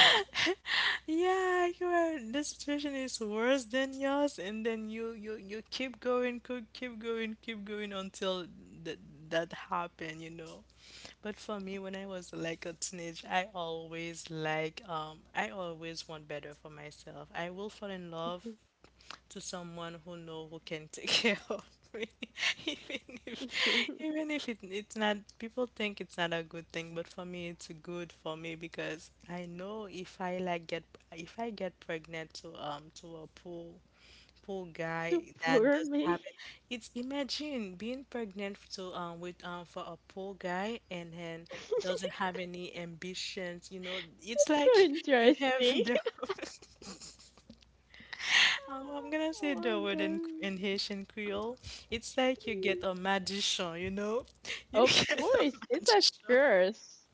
yeah, you are. The situation is worse than yours, and then you you you keep going, co- keep going, keep going until that that happened, you know. But for me, when I was like a teenage, I always like um I always want better for myself. I will fall in love
my god.
to someone who know who can take care of me even if even if it, it's not people think it's not a good thing but for me it's good for me because I know if I like get if I get pregnant to um to a poor poor guy
the
that doesn't
poor
have it,
me.
it's imagine being pregnant to um with um for a poor guy and then doesn't have
That's
any ambitions, you know, it's
so
like you have
interesting.
the Um, I'm gonna
oh
say the
my
word in in
gosh.
Haitian Creole. It's like you
Mm.
get a magician, you know? You
Of
get a
course, it's a
magician.
curse.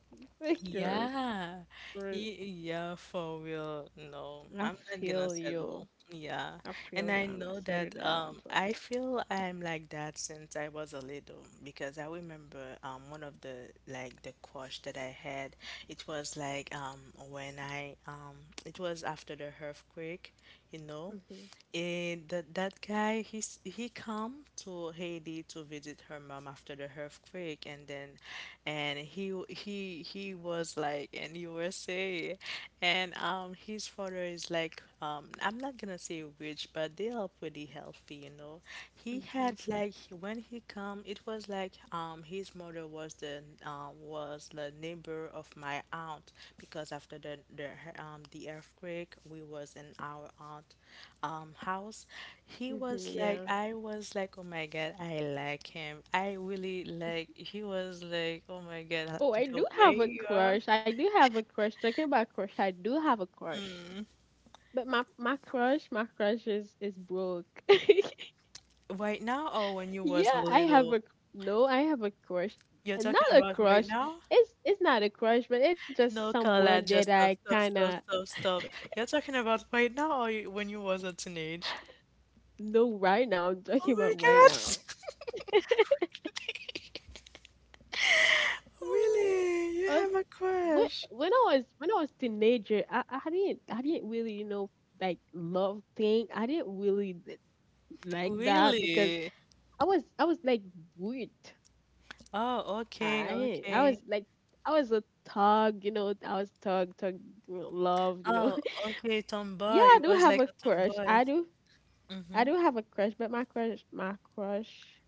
It's a curse.
Yeah.
Curse.
Ye- Yeah, for real. No,
I
I'm not gonna
feel
settle.
you.
Yeah.
I
And
feel you.
I
I'm gonna
know
settle
that
down
um
toward
I
that.
feel I'm like that since I was a little because I remember um one of the like the crush that I had, it was like um when I um it was after the earthquake, you know?
Mm-hmm,
And that that guy, he's he come to Haiti to visit her mom after the earthquake, and then, and he w- he he was like in U S A, and um, his father is like, um, I'm not gonna say rich, but they are pretty healthy, you know. He
mm-hmm,
had like when he come, it was like um, his mother was the um, was the neighbor of my aunt because after the the um, the earthquake, we was in our aunt um, house. He
mm-hmm,
was like,
yeah.
I was like, oh my god, I like him. I really like. He was like, oh my god,
Oh, I
the
do
way
have a
you are.
crush. I do have a crush. Talking about crush, I do have a crush. But my, my crush, my crush is is broke.
Right now, or when you was a
Yeah, I have
little?
a, no, I have a crush.
You're
And not
talking
a
about right
crush.
now?
It's it's not a crush, but it's just
No,
someone
Carla,
that
just
I
stop, stop,
kind of
stop, stop, stop. You're talking about right now, or you, when you was a teenage?
know right now. I'm
Oh
talking
my
about right
God!
now.
Really? You
Uh,
have a
when,
crush?
when I was when I was teenager, I I didn't I didn't really, you know, like love thing. I didn't really th- like that because
Really?
I was I was like weird.
Oh, okay,
I I was
okay.
like, I was a thug, you know. I was thug, thug love, you know.
Oh, okay,
Yeah,
tomboy.
I
You
do
was
have
like
a
a
crush.
tomboy.
I do
Mm-hmm.
I do have a crush, but my crush, my crush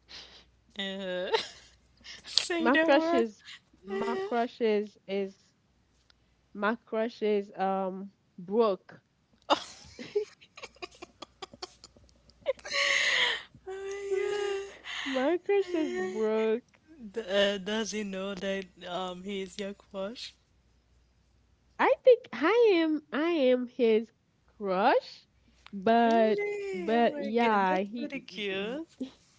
Uh, say
my
the
crush
word.
is, my crush is is my crush is, um, broke.
Uh, oh my
My crush is
God.
Brooke.
D- uh, does he know that um he is your crush?
I think I am I am his crush, but,
Really? Oh
but
my God,
yeah,
that's
he
pretty cute.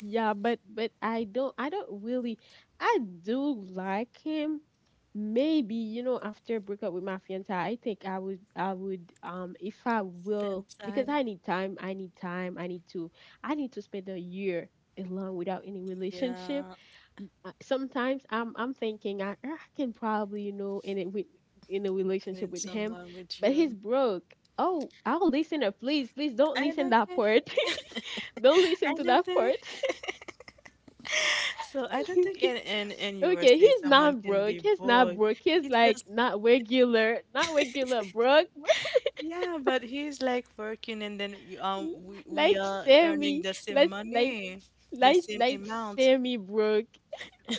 yeah, but, but I don't, I don't really, I do like him. Maybe, you know, after breakup with my fiance, I think I would I would, um, if I
Spend
will, because
time,
I need time, I need time, I need to I need to spend a year alone without any relationship.
yeah,
Uh, sometimes I'm I'm thinking, I, I can probably, you know, in it with, in a relationship
need
with him,
someone with
but he's
you.
broke. Oh, our listener, please, please don't
I
listen
don't
that
care.
part. Don't
I
listen to
don't
that
care.
part.
So I don't think in in in
Okay,
U S A
he's
someone
not
can be
broke. He's not
bored.
broke. He's
He
like
just
not regular, not regular broke.
yeah, but he's like working and then y- um we we
Like
are earning
semi,
the same
let's like,
money, the
like
same
like
amount.
semi broke,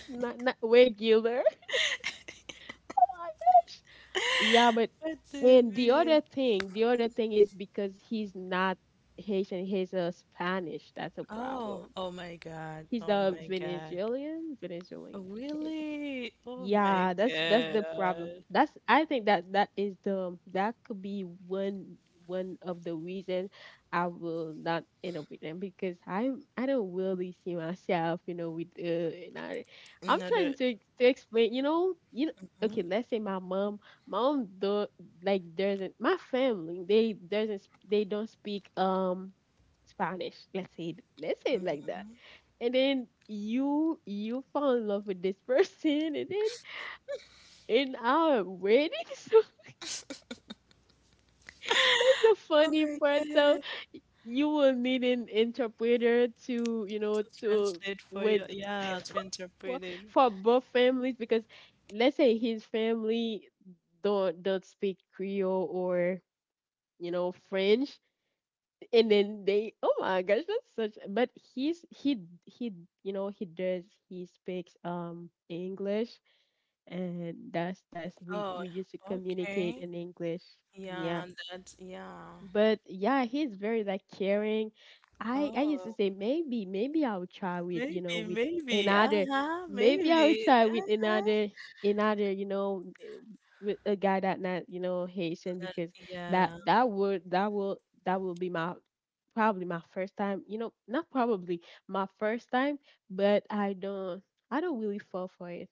not, not regular. Oh my gosh. Yeah, but,
But
and the other thing, the other thing is because he's not Haitian. He's a Spanish. That's a
oh,
problem.
oh my God.
He's
Oh
a
my God.
Venezuelan,
Oh,
Venezuelan. Yes.
really? Oh my
Yeah, that's that's the problem.
God.
That's, I think that that is the, that could be one, one of the reason I will not end up with them because I I don't really see myself, you know, with, uh, and I I'm trying
Another.
to to explain, you know, you know, okay,
Mhm.
let's say my mom, my mom do like doesn't, my family, they doesn't sp- they don't speak, um, Spanish. Let's say it- let's say it like that, and then you you fall in love with this person, and then in our so that's the
Oh
funny
my
part. So
God.
you will need an interpreter to, you know,
To
to,
translate for you.
when
Yeah, to
for,
interpret it.
for both families, because let's say his family don't don't speak Creole, or, you know, French. And then they, oh my gosh, that's such, but he's he he you know, he does he speaks, um, English, and that's that's we
Oh,
we used to communicate
okay.
in English.
Yeah,
Yeah.
that's, yeah.
But yeah, he's very like caring. I I used to
Oh,
say, maybe, maybe I'll try with you know,
maybe,
with
maybe.
another,
Uh-huh,
maybe I'll
maybe.
try with
Uh-huh.
another, another, you know, eh, with a guy that not, you know, Haitian, because that,
Yeah.
that would that will, that will be my, probably my first time, you know, not probably, my first time, but I don't I don't really fall for it,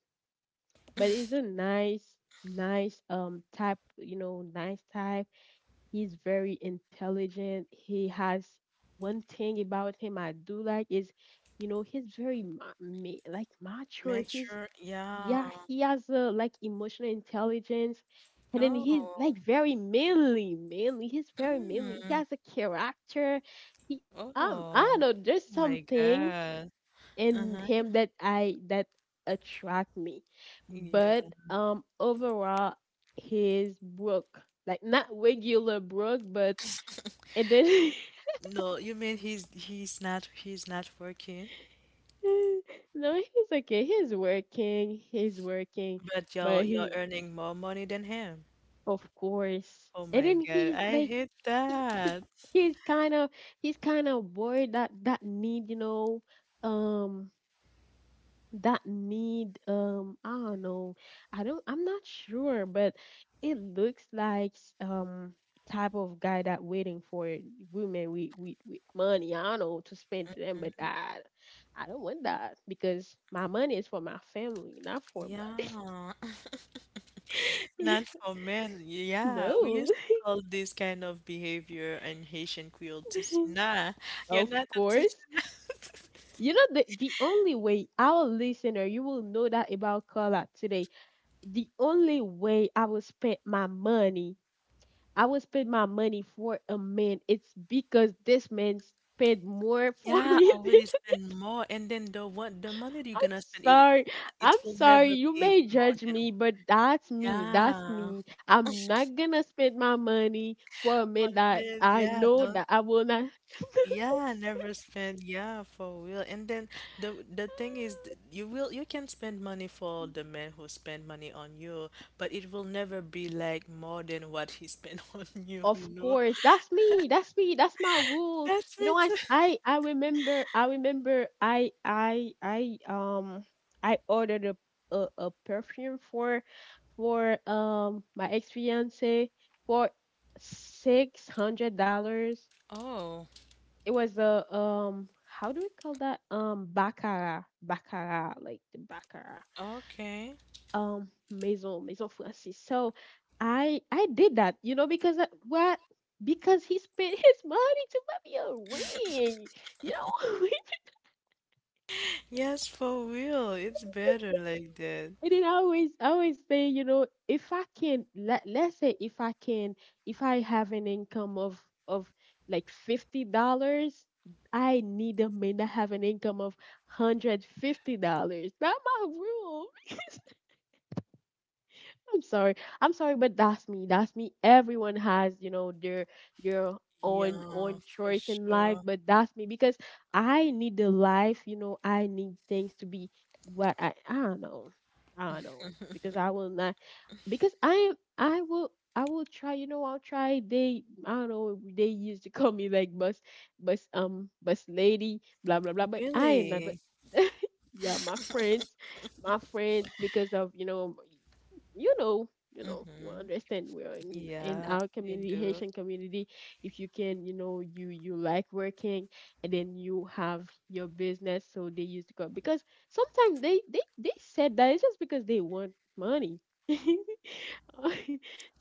but it's a nice, nice, um, type, you know, nice type. He's very intelligent. He has, one thing about him I do like is, you know, he's very ma- ma- like mature. He's,
Mature. Yeah.
yeah, he has a like emotional intelligence, and then he's
Oh.
like very manly, manly. He's very manly. He
Mm.
has a character. He, um I
Oh.
don't know.
Oh
There's
my
something
God.
in
Uh-huh.
him that I that attract me.
Yeah.
But, um, overall, his Brooke. Like not regular Brooke, but and then
No, you mean he's he's not he's not working,
no, he's okay. He's working. He's working.
but you're
But
you're
he
earning more money than him.
of course.
Oh
And
my
then
God,
he's
I
like
hate
he, he
that.
he's kind of he's kind of bored. That that need, you know, um that need, um I don't know. i don't I'm not sure, but it looks like s- um type of guy that waiting for women with with, with money. I don't know, to spend to them, but
Mm,
i I don't want that, because my money is for my family, not for but
yeah, not for men. Yeah, we
no
used to call this kind of behavior in Haitian Creole tisana. You're
of
not a
course.
tisana.
You know, the the only way our listener you will know that about Carla today, the only way I will spend my money, I would spend my money for a man, it's because this man spent more for
Yeah,
me than
already spend more, and then the what the money that you're
I'm
gonna spend it,
sorry.
it's
I'm
it will
sorry.
never
You
be
may
more
judge
than
me, but that's me. That's
yeah.
me. I'm not gonna spend my money for a
On
man that
men,
I
yeah,
know
don't
that I will not.
yeah, never spend. Yeah, for real. And then the the thing is, th- you will you can spend money for the man who spend money on you, but it will never be like more than what he spent on you.
Of
You know.
course, that's me. That's me. That's my rule.
That's
You
me
know, I
too.
s- I I remember. I remember. I I I um I ordered a a, a perfume for for um my ex fiance for six hundred dollars.
Oh,
It was a, um, how do we call that, um, baccarat, baccarat like the baccarat,
okay.
um, Maison Maison Francis. So I I did that, you know, because I, what because he spent his money to buy me a ring, you know.
Yes, for real. It's better like that.
And then I always I always say, you know, if I can, let let's say, if I can, if I have an income of of like fifty dollars, I need a man that have an income of hundred fifty dollars. That's my rule. I'm sorry. I'm sorry, but that's me. That's me. Everyone has, you know, their their own
Yeah,
own
for
choice in life,
sure.
but that's me, because I need the life, you know, I need things to be what I I don't know. I don't know. Because I will not, because I am I will, I will try, you know, I'll try. They, I don't know, they used to call me like bus bus um bus lady, blah blah blah. But I am not but
Really?
yeah, my friends my friends because of, you know, you know, you know, you
Mm-hmm.
understand, we're in in
Yeah,
our
I
community,
do.
Haitian community. If you can, you know, you you like working, and then you have your business, so they used to go because sometimes they they they said that it's just because they want money.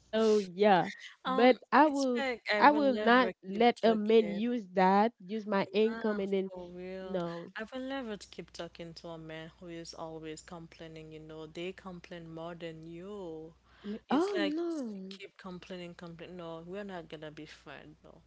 So yeah,
Um,
but I
it's
will
like I
I
will
will not
never keep
let a man
talking.
use that, use my income,
Ah,
and then
for real.
no,
I will never keep talking to a man who is always complaining, you know. They complain more than you.
I mean,
It's
oh
like s-
no,
keep complaining, complain. No, we're not gonna be friends, no.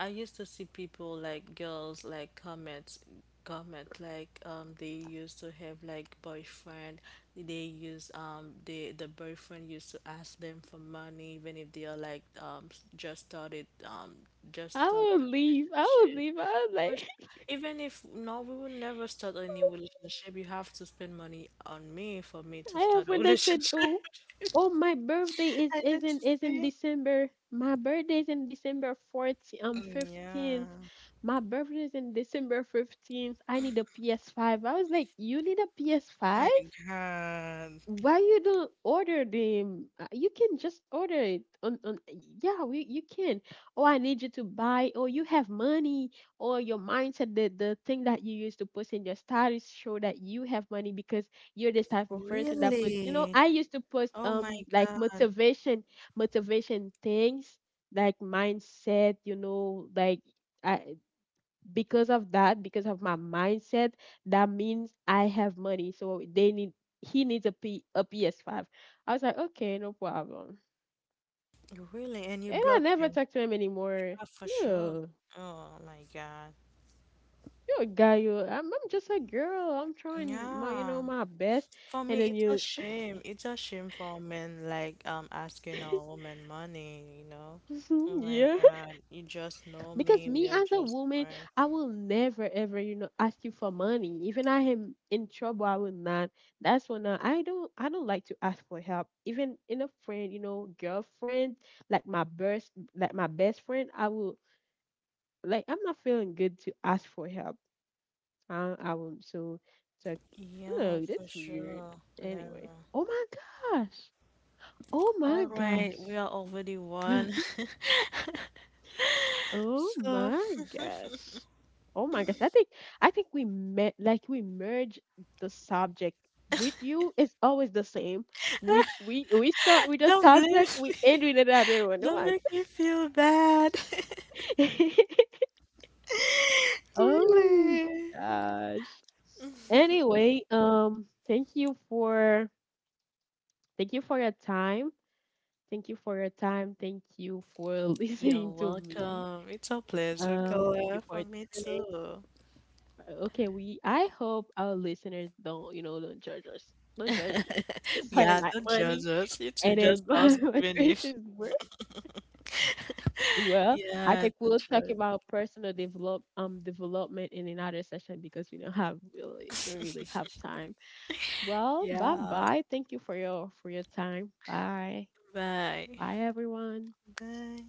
I used to see people like girls like comments comment like um they used to have like boyfriend they use um they the boyfriend used to ask them for money even if they are like um s- just started um just
I
started
will
the
leave. I will
relationship.
leave. I was
Gosh,
like.
even if no, we will never start a new relationship. You have to spend money on me for me
I
to
have,
start a
when I said,
relationship.
"Oh, oh, my birthday is
I
is
need
in
to
is in
see.
December. My birthday is in December fourteenth, um,
Yeah.
fifteenth. My birthday is in December fifteenth. I need a P S five." I was like, "You need a P S five?
My God.
Why you don't order them? Uh, You can just order it on on yeah, we you can. Oh, I need you to buy, or you have money, or your mindset, the the thing that you use to post in your status show that you have money, because you're this type of person that post, you know,
Really?
I used to post,
Oh my
um, like
God.
motivation, motivation things like mindset, you know, like I because of that, because of my mindset, that means I have money. So they need, he needs a P a P S five" I was like, okay, no problem.
Really? And you
And I
block
never
him?
talked to him anymore.
Yeah, for sure.
Yeah.
Oh my God.
You're a guy, you, I'm I'm just a girl. I'm trying my, you know,
Yeah.
my best.
For me,
And then
it's a
you
shame. It's a shame for men like um asking a woman money, you know? Oh my
yeah.
God. You just know
Because
me. We
me
are
as a
just
woman,
friends.
I will never ever, you know, ask you for money. Even I am in trouble, I will not. That's when I, I don't, I don't like to ask for help. Even in a friend, you know, girlfriend, like my best like my best friend, I will, like, I'm not feeling good to ask for help. I I will, so so
Yeah,
oh,
for
that's weird.
sure,
Anyway.
Laura.
Oh my gosh. Oh
All
my
right, we are
gosh.
already one.
Oh
So
my gosh. Oh my gosh. I think I think we met, like we merge the subject with you. It's always the same. We we we start with a
don't blame me.
subject, we end with another one. Oh
Don't
my
make me feel bad.
gosh! Oh
Really.
gosh. Anyway, um thank you for thank you for your time. Thank you for your time. Thank you for
You're
listening to me.
welcome. It's a pleasure,
Um, thank you
Color,
for
for me
joining.
too.
Okay, we I hope our listeners don't, you know, don't judge us. Don't judge me. Because I
Yeah,
like
don't
money
judge us. It's
and then
just us,
my
even if.
Christian's work. Well, I
Yeah,
think we'll talk
don't
about personal develop um development in another session, because we don't have really, we really don't really
judge.
have time. Well, bye
Yeah.
bye. Thank you for your for your time. Bye.
Bye.
Bye everyone.
Bye.